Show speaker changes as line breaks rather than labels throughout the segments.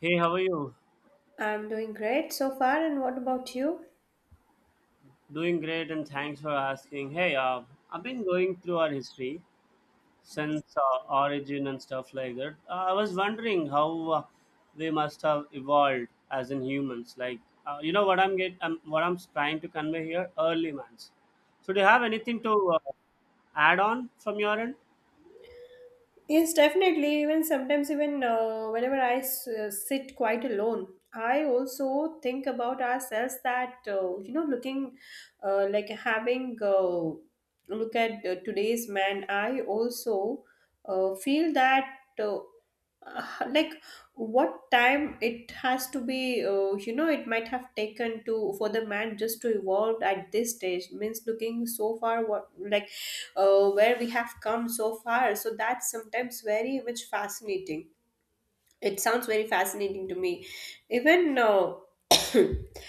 Hey, how are you?
I'm doing great so far, and what about you?
Doing great, and thanks for asking. Hey, I've been going through our history since origin and stuff like that. I was wondering how we must have evolved as in humans. Like, you know what I'm what I'm trying to convey here, early man's. So, do you have anything to add on from your end?
Yes, definitely. Even sometimes, even whenever I sit quite alone, I also think about ourselves that looking like having look at today's man. I also feel that uh, uh, like what time it has to be, you know, it might have taken to for the man just to evolve at this stage, means looking so far, what, where we have come so far. So that's sometimes very much fascinating. It sounds very fascinating to me. Even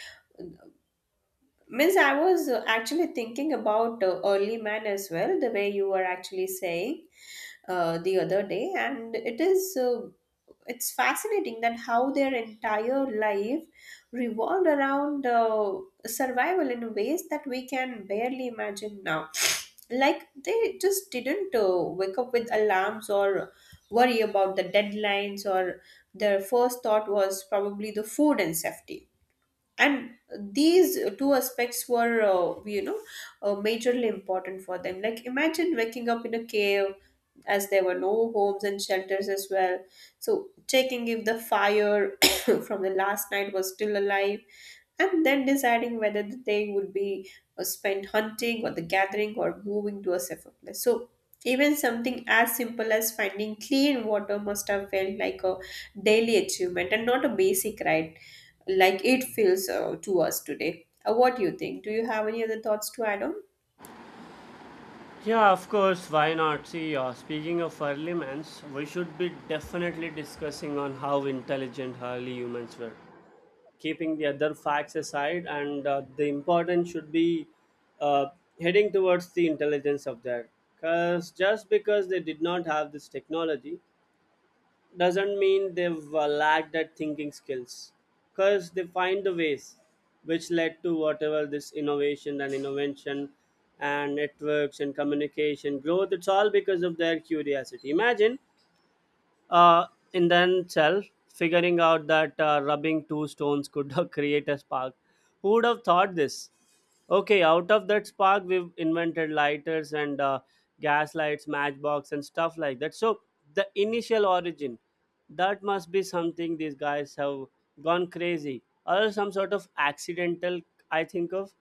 means I was actually thinking about early man as well, the way you were actually saying the other day, and it's fascinating that how their entire life revolved around survival in ways that we can barely imagine now. Like they just didn't wake up with alarms or worry about the deadlines, or their first thought was probably the food and safety, and these two aspects were, you know, majorly important for them. Like imagine waking up in a cave, as there were no homes and shelters as well, so checking if the fire from the last night was still alive, and then deciding whether the day would be spent hunting or the gathering or moving to a safer place. So even something as simple as finding clean water must have felt like a daily achievement and not a basic right like it feels to us today. What do you think? Do you have any other thoughts to add on?
Yeah, of course. Why not? See, speaking of early humans, we should be definitely discussing on how intelligent early humans were, keeping the other facts aside and the importance should be uh, heading towards the intelligence of that, because just because they did not have this technology doesn't mean they've lacked that thinking skills, because they find the ways which led to whatever this innovation and invention and networks and communication growth. It's all because of their curiosity. Imagine uh, in themselves, figuring out that rubbing two stones could create a spark. Who would have thought this? Okay, out of that spark, we've invented lighters and gas lights, matchbox, and stuff like that. So the initial origin, that must be something these guys have gone crazy, or some sort of accidental. I think of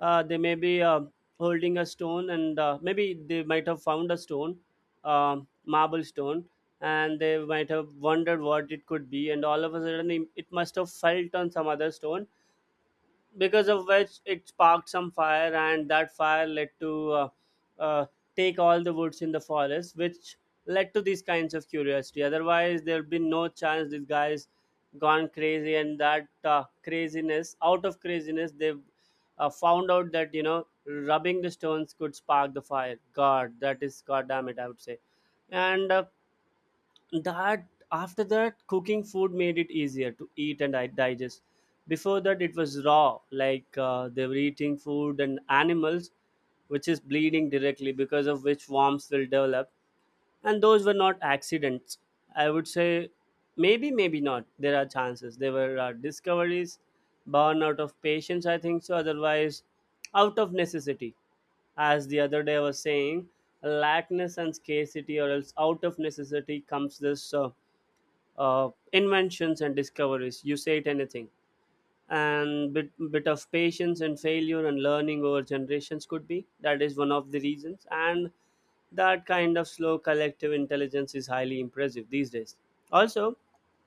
they may be holding a stone, and maybe they might have found a stone, marble stone, and they might have wondered what it could be, and all of a sudden it must have felt on some other stone, because of which it sparked some fire, and that fire led to uh, take all the woods in the forest, which led to these kinds of curiosity. Otherwise there would be no chance these guys gone crazy, and that craziness, out of craziness they found out that, you know, rubbing the stones could spark the fire. God, that is god damn it, I would say. And that after that, cooking food made it easier to eat and I digest. Before that it was raw, like they were eating food and animals which is bleeding directly, because of which worms will develop. And those were not accidents, I would say. Maybe, maybe not, there are chances they were discoveries born out of patience, I think so. Otherwise, out of necessity, as the other day I was saying, lackness and scarcity, or else out of necessity comes this inventions and discoveries. You say it anything, and bit of patience and failure and learning over generations could be, that is one of the reasons. And that kind of slow collective intelligence is highly impressive these days. Also,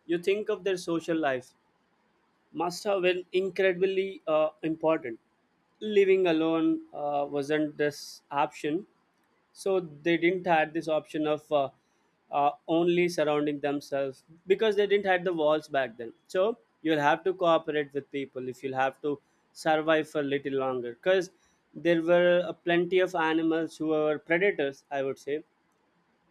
you think of their social life must have been incredibly important. Living alone wasn't this option, so they didn't had this option of only surrounding themselves, because they didn't had the walls back then. So you'll have to cooperate with people if you'll have to survive for a little longer, because there were plenty of animals who were predators, I would say,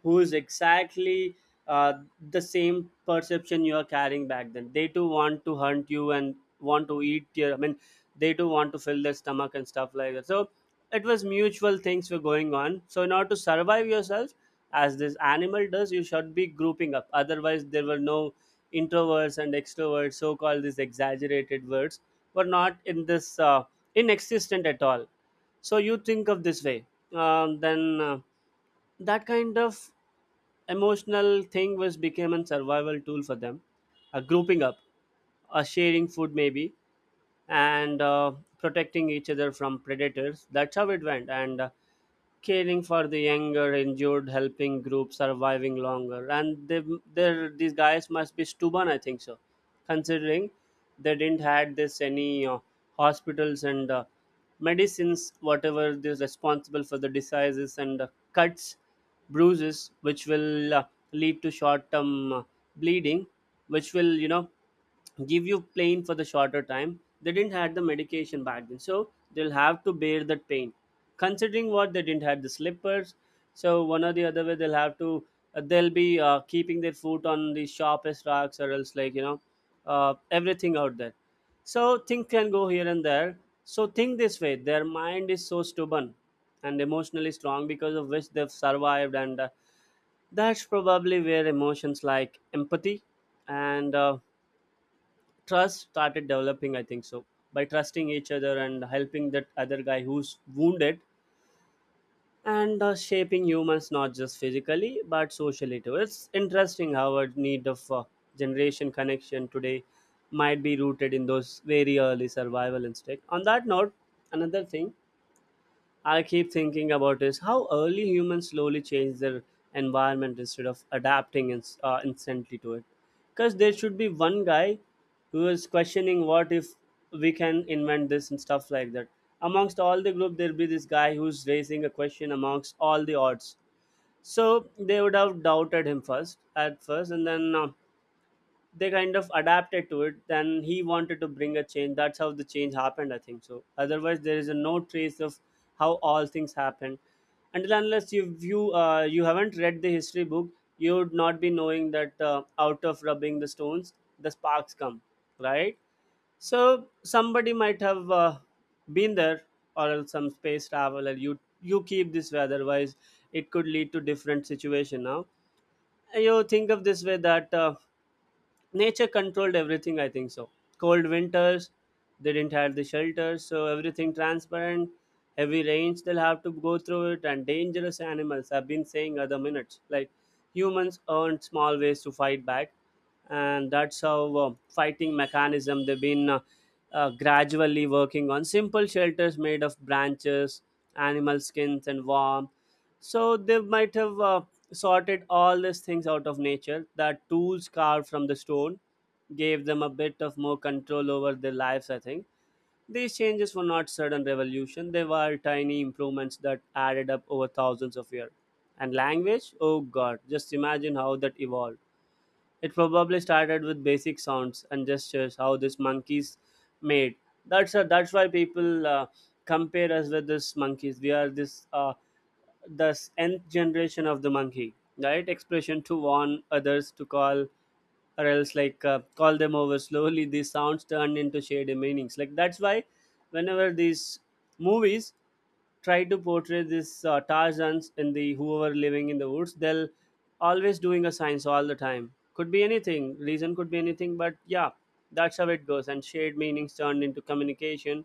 who is exactly uh, the same perception you are carrying back then. They too want to hunt you and want to eat your. I mean, they too want to fill their stomach and stuff like that. So it was mutual, things were going on. So in order to survive yourself, as this animal does, you should be grouping up. Otherwise, there were no introverts and extroverts, so-called these exaggerated words, were not in this inexistent at all. So you think of this way, then that kind of emotional thing was became a survival tool for them, a grouping up, a sharing food maybe, and protecting each other from predators. That's how it went. And caring for the younger injured, helping groups surviving longer, and they these guys must be stubborn, I think so, considering they didn't had this any hospitals and medicines, whatever is responsible for the diseases and cuts, bruises, which will lead to short term bleeding, which will, you know, give you pain for the shorter time. They didn't had the medication back then, so they'll have to bear that pain. Considering what they didn't have the slippers, so one or the other way they'll have to they'll be keeping their foot on the sharpest rocks or else, like, you know, everything out there. So things can go here and there. So think this way: their mind is so stubborn and emotionally strong, because of which they've survived, and that's probably where emotions like empathy and trust started developing, I think so, by trusting each other and helping that other guy who's wounded, and shaping humans not just physically but socially too. It's interesting how our need of generation connection today might be rooted in those very early survival instinct. On that note, another thing I keep thinking about is how early humans slowly change their environment instead of adapting instantly to it. Because there should be one guy who is questioning what if we can invent this and stuff like that. Amongst all the group, there'll be this guy who's raising a question amongst all the odds. So they would have doubted him first at first, and then they kind of adapted to it, then he wanted to bring a change. That's how the change happened, I think so. Otherwise there is a no trace of how all things happen, until unless you haven't read the history book, you would not be knowing that out of rubbing the stones the sparks come, right? So somebody might have been there, or else some space traveler, you keep this way, otherwise it could lead to different situation. Now you think of this way that nature controlled everything, I think so. Cold winters, they didn't have the shelters, so everything transparent. Heavy rains they'll have to go through it, and dangerous animals, I've been saying other minutes, like humans earned small ways to fight back, and that's how fighting mechanism they've been gradually working on, simple shelters made of branches, animal skins and warmth. So they might have sorted all these things out of nature. The tools carved from the stone gave them a bit of more control over their lives, I think. These changes were not sudden revolution, they were tiny improvements that added up over thousands of years. And language? Oh god, just imagine how that evolved. It probably started with basic sounds and gestures, how these monkeys made. That's why people compare us with these monkeys. We are this. The nth generation of the monkey, right, expression to warn others, to call or else, like, call them over. Slowly these sounds turned into shady meanings, like that's why whenever these movies try to portray these tarzans and the whoever living in the woods, they'll always doing a science all the time. Could be anything, reason could be anything, but yeah, that's how it goes. And shared meanings turned into communication.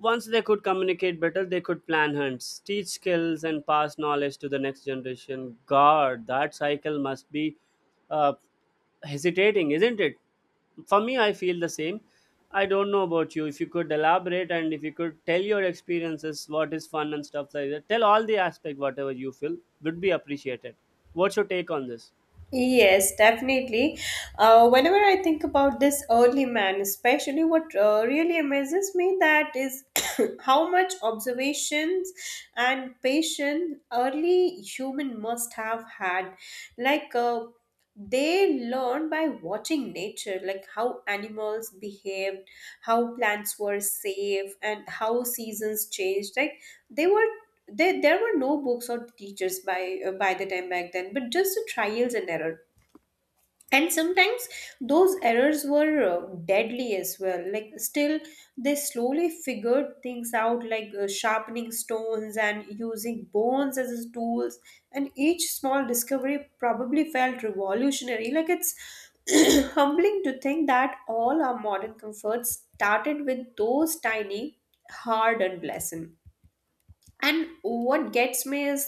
Once they could communicate better, they could plan hunts, teach skills, and pass knowledge to the next generation. God, that cycle must be uh, hesitating, isn't it? For me, I feel the same. I don't know about you. If you could elaborate, and if you could tell your experiences, what is fun and stuff like that, tell all the aspect, whatever you feel, would be appreciated. What's your take on this?
Yes, definitely. Whenever I think about this early man, especially what really amazes me, that is how much observations and patience early human must have had. Like they learned by watching nature, like how animals behaved, how plants were safe, and how seasons changed. Like they were. There were no books or teachers by the time back then, but just the trials and error, and sometimes those errors were deadly as well. Like still they slowly figured things out, like sharpening stones and using bones as his tools, and each small discovery probably felt revolutionary. Like it's humbling to think that all our modern comforts started with those tiny hard-earned lessons. And what gets me is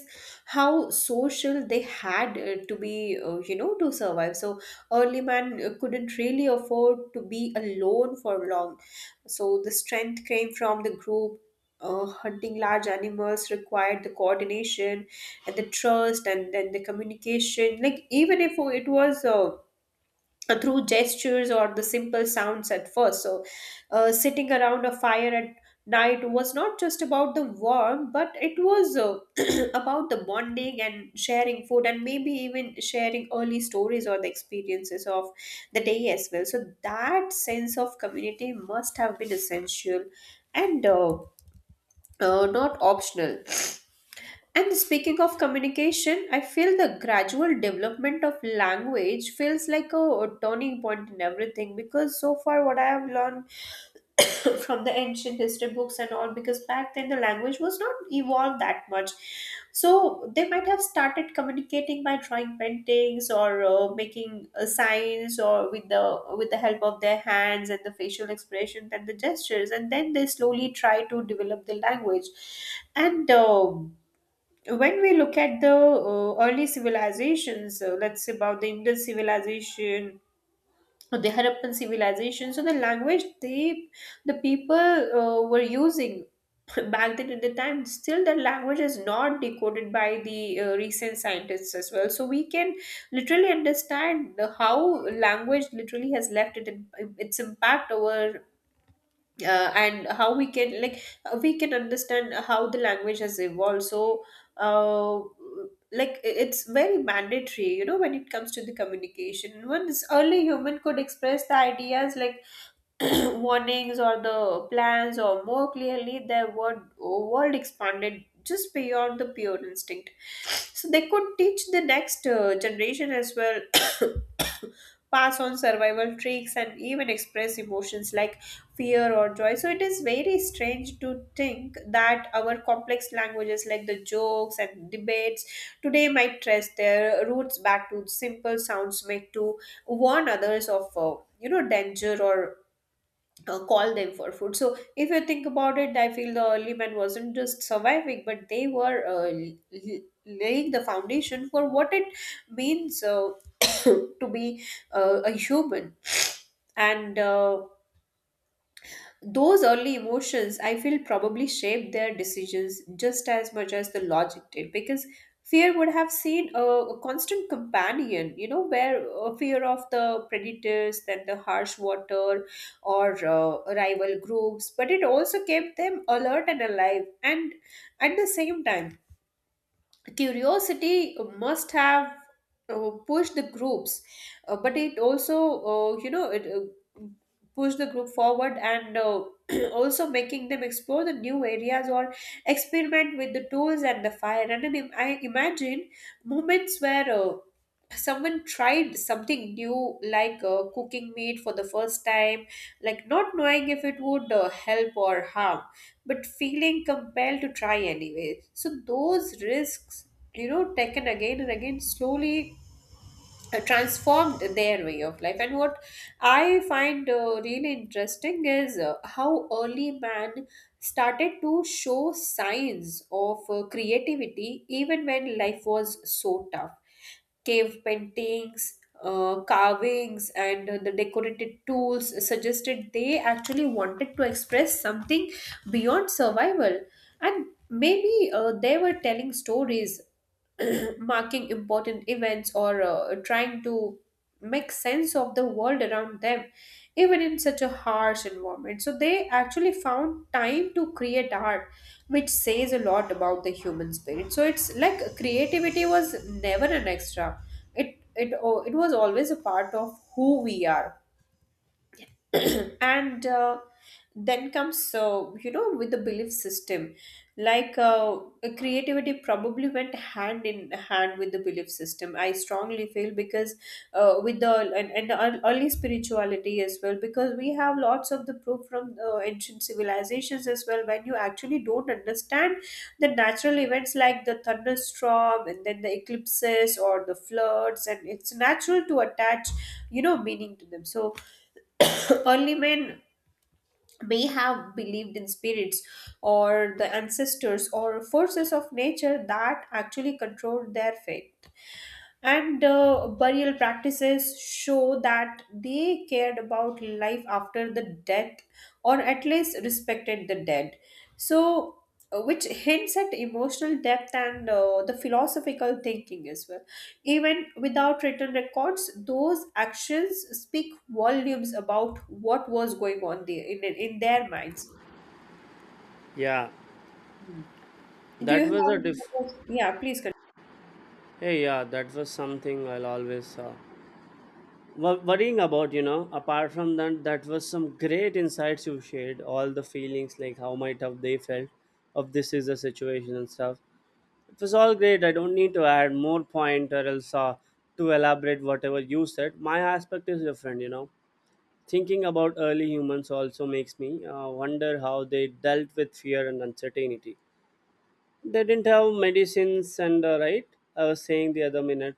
how social they had, to be, you know, to survive. So early man couldn't really afford to be alone for long, so the strength came from the group. Hunting large animals required the coordination and the trust and then the communication, like even if it was through gestures or the simple sounds at first. So, sitting around a fire at night was not just about the warmth, but it was about the bonding and sharing food and maybe even sharing early stories or the experiences of the day as well. So, that sense of community must have been essential and not optional. And speaking of communication, I feel the gradual development of language feels like a turning point in everything, because so far what I have learned from the ancient history books and all, because back then the language was not evolved that much, so they might have started communicating by drawing paintings or making signs, or with the help of their hands and the facial expressions and the gestures, and then they slowly try to develop the language. And When we look at the early civilizations, let's say about the Indus civilization or the Harappan civilization, so the language they, the people were using back then at the time, still the language is not decoded by the recent scientists as well, so we can literally understand the, how language literally has left it, its impact over and how we can we can understand how the language has evolved. So uh, it's very mandatory, you know, when it comes to the communication. Once early human could express the ideas, like warnings or the plans or more clearly, their world expanded just beyond the pure instinct, so they could teach the next generation as well, pass on survival tricks and even express emotions like fear or joy. So it is very strange to think that our complex languages, like the jokes and debates today, might trace their roots back to simple sounds made to warn others of, you know, danger or call them for food. So if you think about it, I feel the early man wasn't just surviving, but they were laying the foundation for what it means to be a human. And those early emotions, I feel, probably shaped their decisions just as much as the logic did, because fear would have seen a constant companion, you know, where fear of the predators, then the harsh water, or rival groups, but it also kept them alert and alive, and at the same time curiosity must have pushed the groups, but it also you know it pushed the group forward, and also making them explore the new areas or experiment with the tools and the fire. And then I imagine moments where someone tried something new, like cooking meat for the first time, like not knowing if it would help or harm, but feeling compelled to try anyway. So those risks, you know, taken again and again, slowly transformed their way of life. And what I find really interesting is how early man started to show signs of creativity even when life was so tough. Cave paintings, carvings, and the decorated tools suggested they actually wanted to express something beyond survival. And maybe they were telling stories, marking important events, or trying to make sense of the world around them even in such a harsh environment. So they actually found time to create art, which says a lot about the human spirit. So it's like creativity was never an extra. It oh, it was always a part of who we are. and Then comes, with the belief system, like creativity probably went hand in hand with the belief system, I strongly feel, because with the and the early spirituality as well, because we have lots of the proof from ancient civilizations as well. When you actually don't understand the natural events, like the thunderstorm and then the eclipses or the floods, and it's natural to attach, you know, meaning to them. So early men may have believed in spirits or the ancestors or forces of nature that actually controlled their fate. And burial practices show that they cared about life after the death, or at least respected the dead. So, which hints at emotional depth and the philosophical thinking as well. Even without written records, those actions speak volumes about what was going on there in their minds.
Yeah,
Hmm. Do
that
you
was
have
a
any
diff.
other— Yeah, please continue.
Hey, yeah, that was something I'll always. Worrying about, you know, apart from that, that was some great insights you shared, all the feelings like how might have they felt of this is a situation and stuff, it was all great. I don't need to add more point, or else to elaborate whatever you said. My aspect is different, you know, thinking about early humans also makes me wonder how they dealt with fear and uncertainty. They didn't have medicines and right, I was saying the other minute,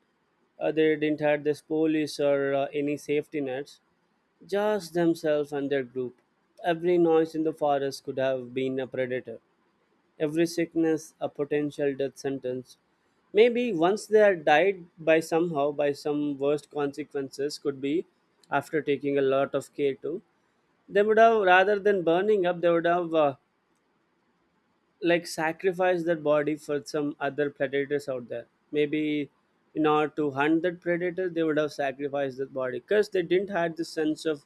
they didn't have this police or any safety nets, just themselves and their group. Every noise in the forest could have been a predator, every sickness a potential death sentence. Maybe once they are died by somehow, by some worst consequences, could be after taking a lot of care too. They would have, rather than burning up, they would have like sacrifice that body for some other predators out there. Maybe in order to hunt that predator, they would have sacrificed that body, because they didn't have the sense of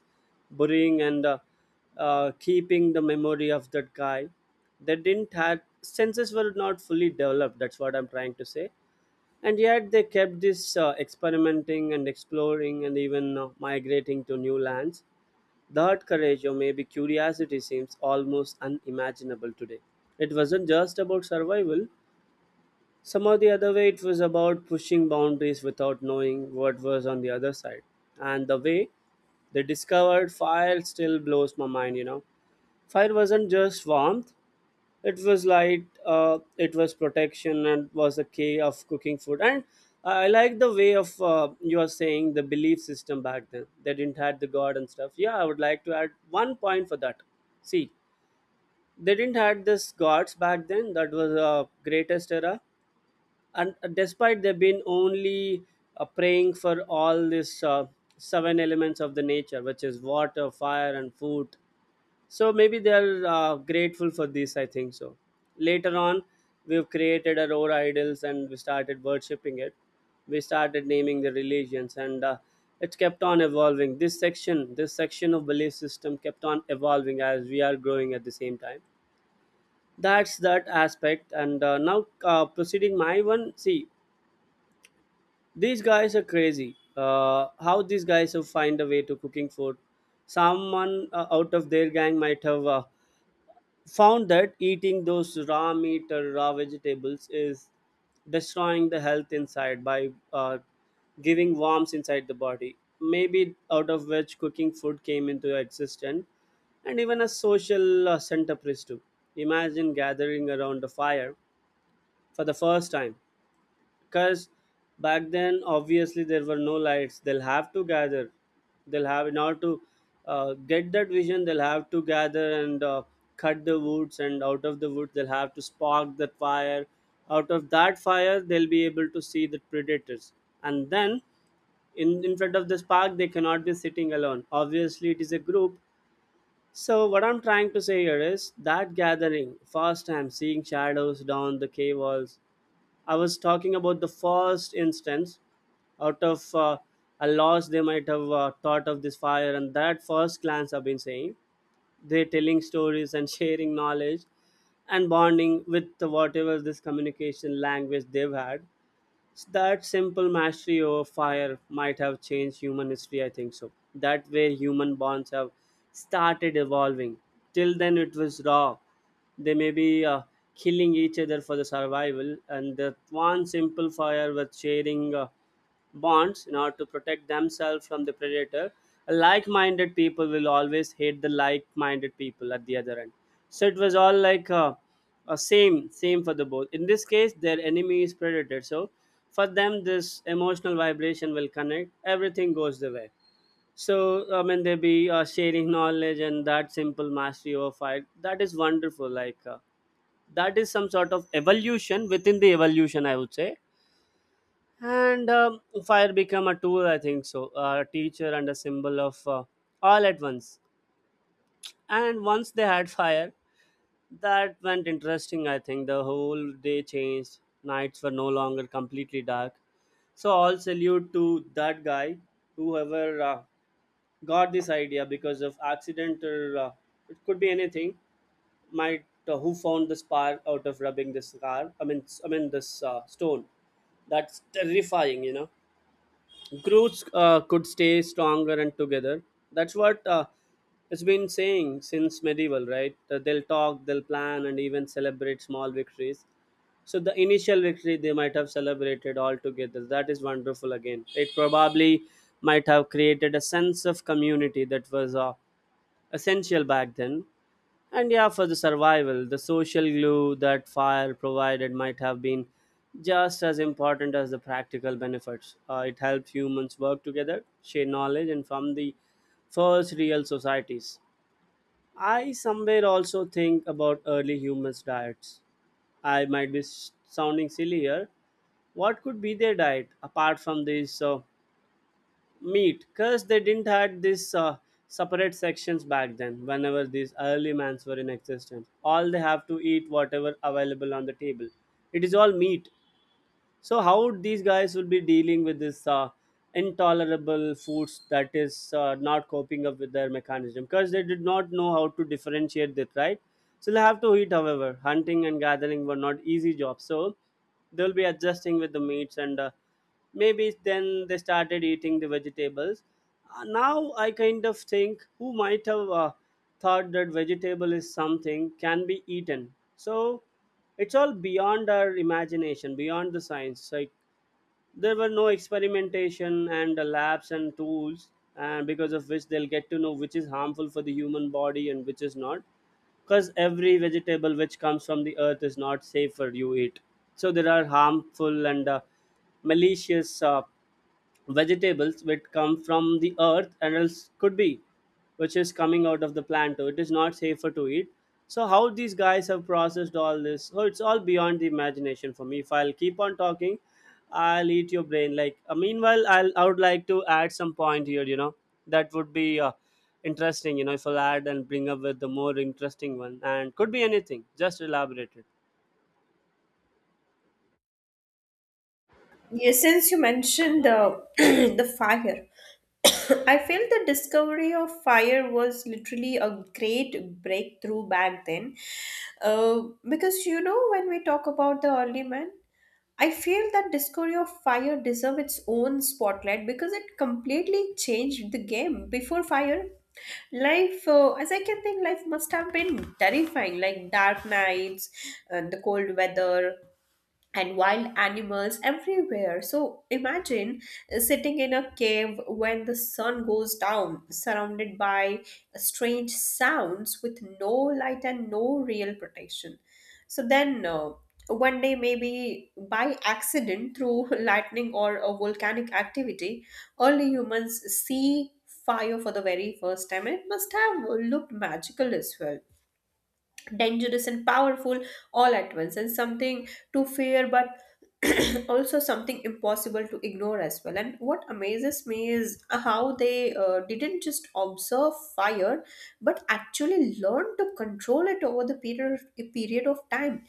burying and keeping the memory of that guy. They didn't have senses were not fully developed. That's what I'm trying to say. And yet they kept this experimenting and exploring, and even migrating to new lands. That courage, or maybe curiosity, seems almost unimaginable today. It wasn't just about survival, somehow the other way, it was about pushing boundaries without knowing what was on the other side. And the way they discovered fire still blows my mind. Fire wasn't just warmth, it was light, it was protection and was a key of cooking food. And I like the way of you are saying the belief system back then they didn't had the god and stuff. Yeah, I would like to add one point for that. See, they didn't had this gods back then. That was a greatest era. And despite, they've been only praying for all this seven elements of the nature, which is water, fire and food. So maybe they are grateful for this, I think so. Later on, we've created our own idols and we started worshipping it. We started naming the religions, and it kept on evolving. This section of belief system kept on evolving as we are growing at the same time. That's that aspect. And now proceeding my one. See, these guys are crazy. How these guys have find a way to cooking food? Someone out of their gang might have found that eating those raw meat or raw vegetables is destroying the health inside by giving worms inside the body. Maybe out of which cooking food came into existence, and even a social centerpiece too. Imagine gathering around a fire for the first time. Because back then obviously there were no lights, they'll have to gather. They'll have in order to get that vision, they'll have to gather and cut the woods, and out of the wood they'll have to spark that fire. Out of that fire they'll be able to see the predators. And then in front of this park they cannot be sitting alone, obviously it is a group. So what I'm trying to say here is that gathering, first time seeing shadows down the cave walls. I was talking about the first instance. Out of a loss, they might have thought of this fire, and that first glance I've been saying. They're telling stories and sharing knowledge, and bonding with whatever this communication language they've had. That simple mastery over fire might have changed human history, I think so. That way human bonds have started evolving. Till then it was raw. They may be killing each other for the survival, and that one simple fire with sharing bonds in order to protect themselves from the predator. Like-minded people will always hate the like-minded people at the other end. So it was all like same same for the both. In this case their enemy is predator. So for them, this emotional vibration will connect, everything goes the way. So I mean they be sharing knowledge, and that simple mastery over fight, that is wonderful. Like, that is some sort of evolution within the evolution, I would say. And fire became a tool, I think so, a teacher and a symbol of all at once. And once they had fire, that went interesting. I think the whole day changed. Nights were no longer completely dark. So all salute to that guy, whoever got this idea. Because of accident, or it could be anything. Might who found the spark out of rubbing this car, I mean this stone. That's terrifying. Groups could stay stronger and together. That's what it's been saying since medieval, right? They'll talk, they'll plan, and even celebrate small victories. So the initial victory they might have celebrated all together. That is wonderful again. It probably might have created a sense of community that was essential back then. And yeah, for the survival, the social glue that fire provided might have been just as important as the practical benefits. It helped humans work together, share knowledge, and form the first real societies. I somewhere also think about early humans' diets. I might be sounding silly here. What could be their diet apart from this? Meat. Because they didn't had this separate sections back then. Whenever these early mans were in existence, all they have to eat whatever available on the table, it is all meat. So how these guys will be dealing with this intolerable foods, that is not coping up with their mechanism? Because they did not know how to differentiate that, right? So they have to eat. However, hunting and gathering were not easy jobs, so they'll be adjusting with the meats, and maybe then they started eating the vegetables. Now I kind of think, who might have thought that vegetable is something can be eaten? So it's all beyond our imagination, beyond the science. Like, there were no experimentation and labs and tools, and because of which they'll get to know which is harmful for the human body and which is not. Because every vegetable which comes from the earth is not safe for you eat. So there are harmful and malicious vegetables which come from the earth, and else could be which is coming out of the plant too. It is not safer to eat. So how these guys have processed all this? Oh, it's all beyond the imagination for me. If I'll keep on talking, I'll eat your brain. Like, meanwhile I would like to add some point here. That would be interesting. If I'll add and bring up with the more interesting one, and could be anything, just elaborate it.
Yeah, since you mentioned the the fire, I feel the discovery of fire was literally a great breakthrough back then. Because you know, when we talk about the early man, I feel that discovery of fire deserve its own spotlight because it completely changed the game. Before fire, life as I can think, life must have been terrifying, like dark nights and the cold weather and wild animals everywhere. So imagine sitting in a cave when the sun goes down, surrounded by strange sounds with no light and no real protection. So then, one day, maybe by accident through lightning or a volcanic activity, early humans see fire for the very first time. It must have looked magical as well, dangerous and powerful all at once, and something to fear, but also something impossible to ignore as well. And what amazes me is how they didn't just observe fire, but actually learn to control it over the period of time,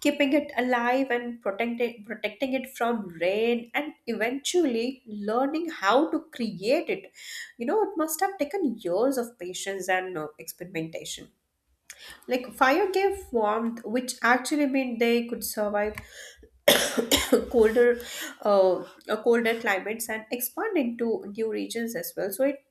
keeping it alive and protecting it from rain, and eventually learning how to create it. You know, it must have taken years of patience and experimentation. Like fire gave warmth, which actually meant they could survive colder, uh, colder climates and expand into new regions as well. So it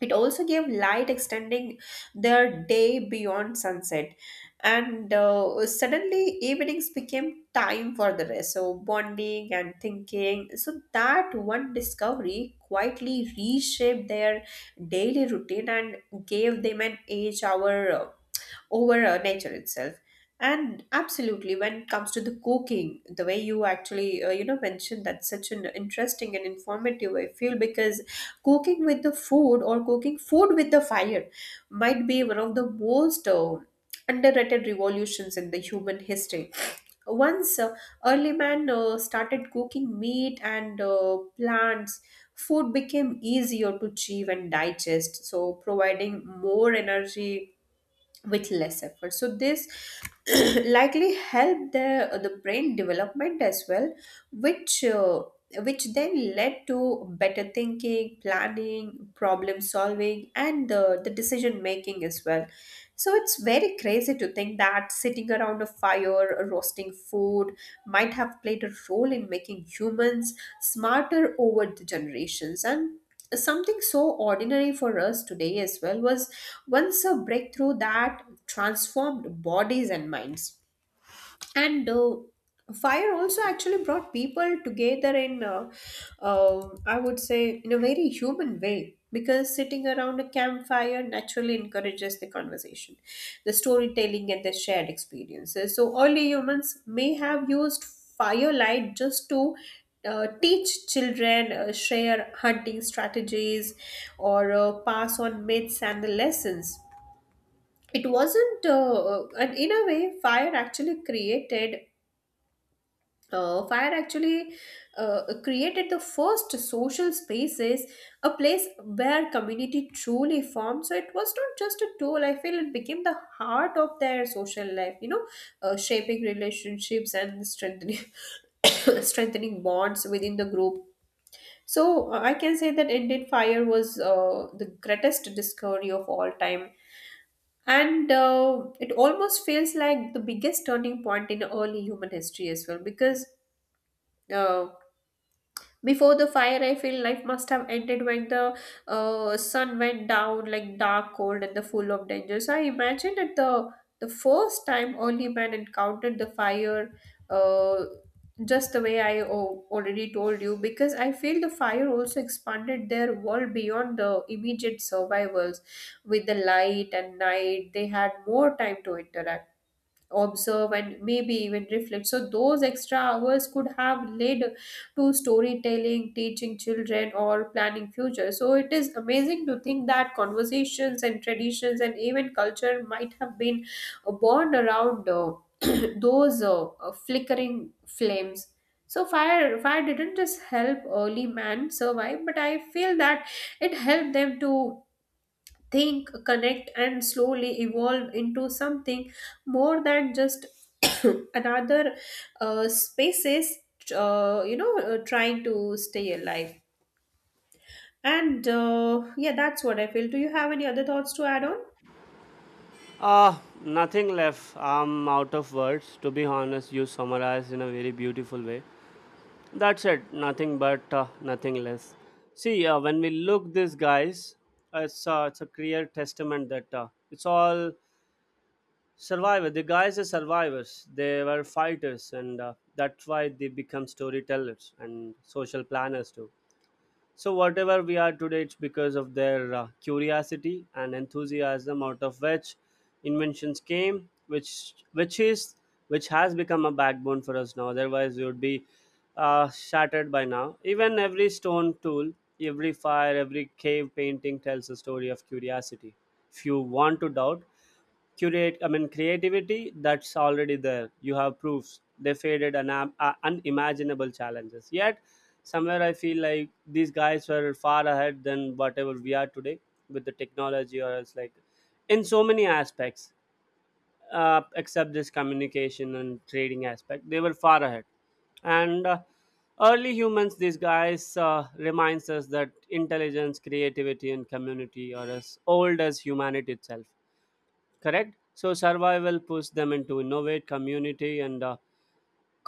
it also gave light, extending their day beyond sunset. And suddenly, evenings became time for the rest. So bonding and thinking. So that one discovery quietly reshaped their daily routine and gave them an age hour over nature itself. And absolutely, when it comes to the cooking, the way you actually mentioned, that's such an interesting and informative I feel, because cooking with the food, or cooking food with the fire, might be one of the most underrated revolutions in the human history. Once early man started cooking meat and plants, food became easier to chew and digest, so providing more energy with less effort. So this likely help the brain development as well, which uh, which then led to better thinking, planning, problem solving, and the decision making as well. So it's very crazy to think that sitting around a fire, roasting food, might have played a role in making humans smarter over the generations. And something so ordinary for us today as well was once a breakthrough that transformed bodies and minds. And Fire also actually brought people together in I would say in a very human way, because sitting around a campfire naturally encourages the conversation, the storytelling, and the shared experiences. So early humans may have used firelight just to teach children, share hunting strategies, or pass on myths and the lessons. It wasn't uh, uh, and in a way, fire actually created the first social spaces, a place where community truly formed. So it was not just a tool, I feel, it became the heart of their social life, you know, shaping relationships and strengthening strengthening bonds within the group. So I can say that indeed fire was the greatest discovery of all time. And It almost feels like the biggest turning point in early human history as well, because uh, before the fire, I feel life must have ended when the sun went down, like dark, cold, and the full of danger. So I imagine that the first time early man encountered the fire, uh, just the way already told you, because I feel the fire also expanded their world beyond the immediate survivals. With the light and night, they had more time to interact, observe, and maybe even reflect. So those extra hours could have led to storytelling, teaching children, or planning future. So it is amazing to think that conversations and traditions and even culture might have been born around those flickering flames. So fire didn't just help early man survive, but I feel that it helped them to think, connect, and slowly evolve into something more than just another spaces, trying to stay alive. And yeah, that's what I feel. Do you have any other thoughts to add on?
Nothing left. I'm out of words. To be honest, you summarized in a very beautiful way. That's it. Nothing but nothing less. See, when we look these guys, it's a clear testament that it's all survivor. The guys are survivors. They were fighters, and that's why they become storytellers and social planners too. So, whatever we are today, it's because of their curiosity and enthusiasm, out of which inventions came, which has become a backbone for us now. Otherwise, we would be shattered by now. Even every stone tool, every fire, every cave painting tells a story of curiosity. If you want to doubt, curate, I mean creativity, that's already there, you have proofs. They faded an unimaginable challenges, yet somewhere I feel like these guys were far ahead than whatever we are today with the technology or else, like in so many aspects, except this communication and trading aspect, they were far ahead. And early humans, these guys reminds us that intelligence, creativity and community are as old as humanity itself. Correct? So survival pushed them into innovate, community and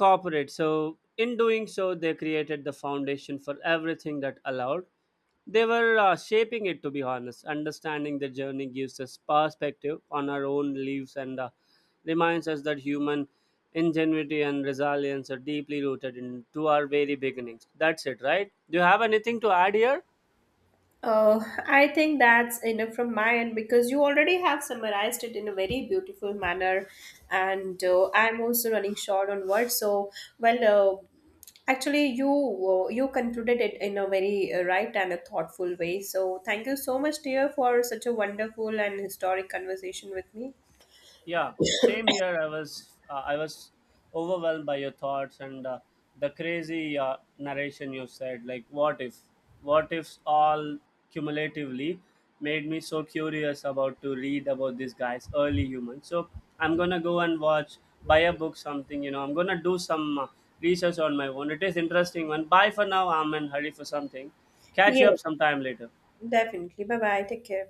cooperate, so in doing so they created the foundation for everything that allowed. They were shaping it, to be honest. Understanding the journey gives us perspective on our own lives, and reminds us that human ingenuity and resilience are deeply rooted into our very beginnings. That's it, right? Do you have anything to add here?
Oh, I think that's enough from my end, because you already have summarized it in a very beautiful manner, and I'm also running short on words. So, well, actually, you concluded it in a very right and a thoughtful way. So, thank you so much, dear, for such a wonderful and historic conversation with me.
Yeah, same here. I was overwhelmed by your thoughts, and the crazy narration you said. Like, what if? What ifs all cumulatively made me so curious about to read about these guys, early humans. So I'm gonna go and watch, buy a book, something. I'm gonna do some research on my own. It is interesting one. Bye for now. I'm in hurry for something. Catch
Yeah,
you up sometime later.
definitely. Bye bye. Take care.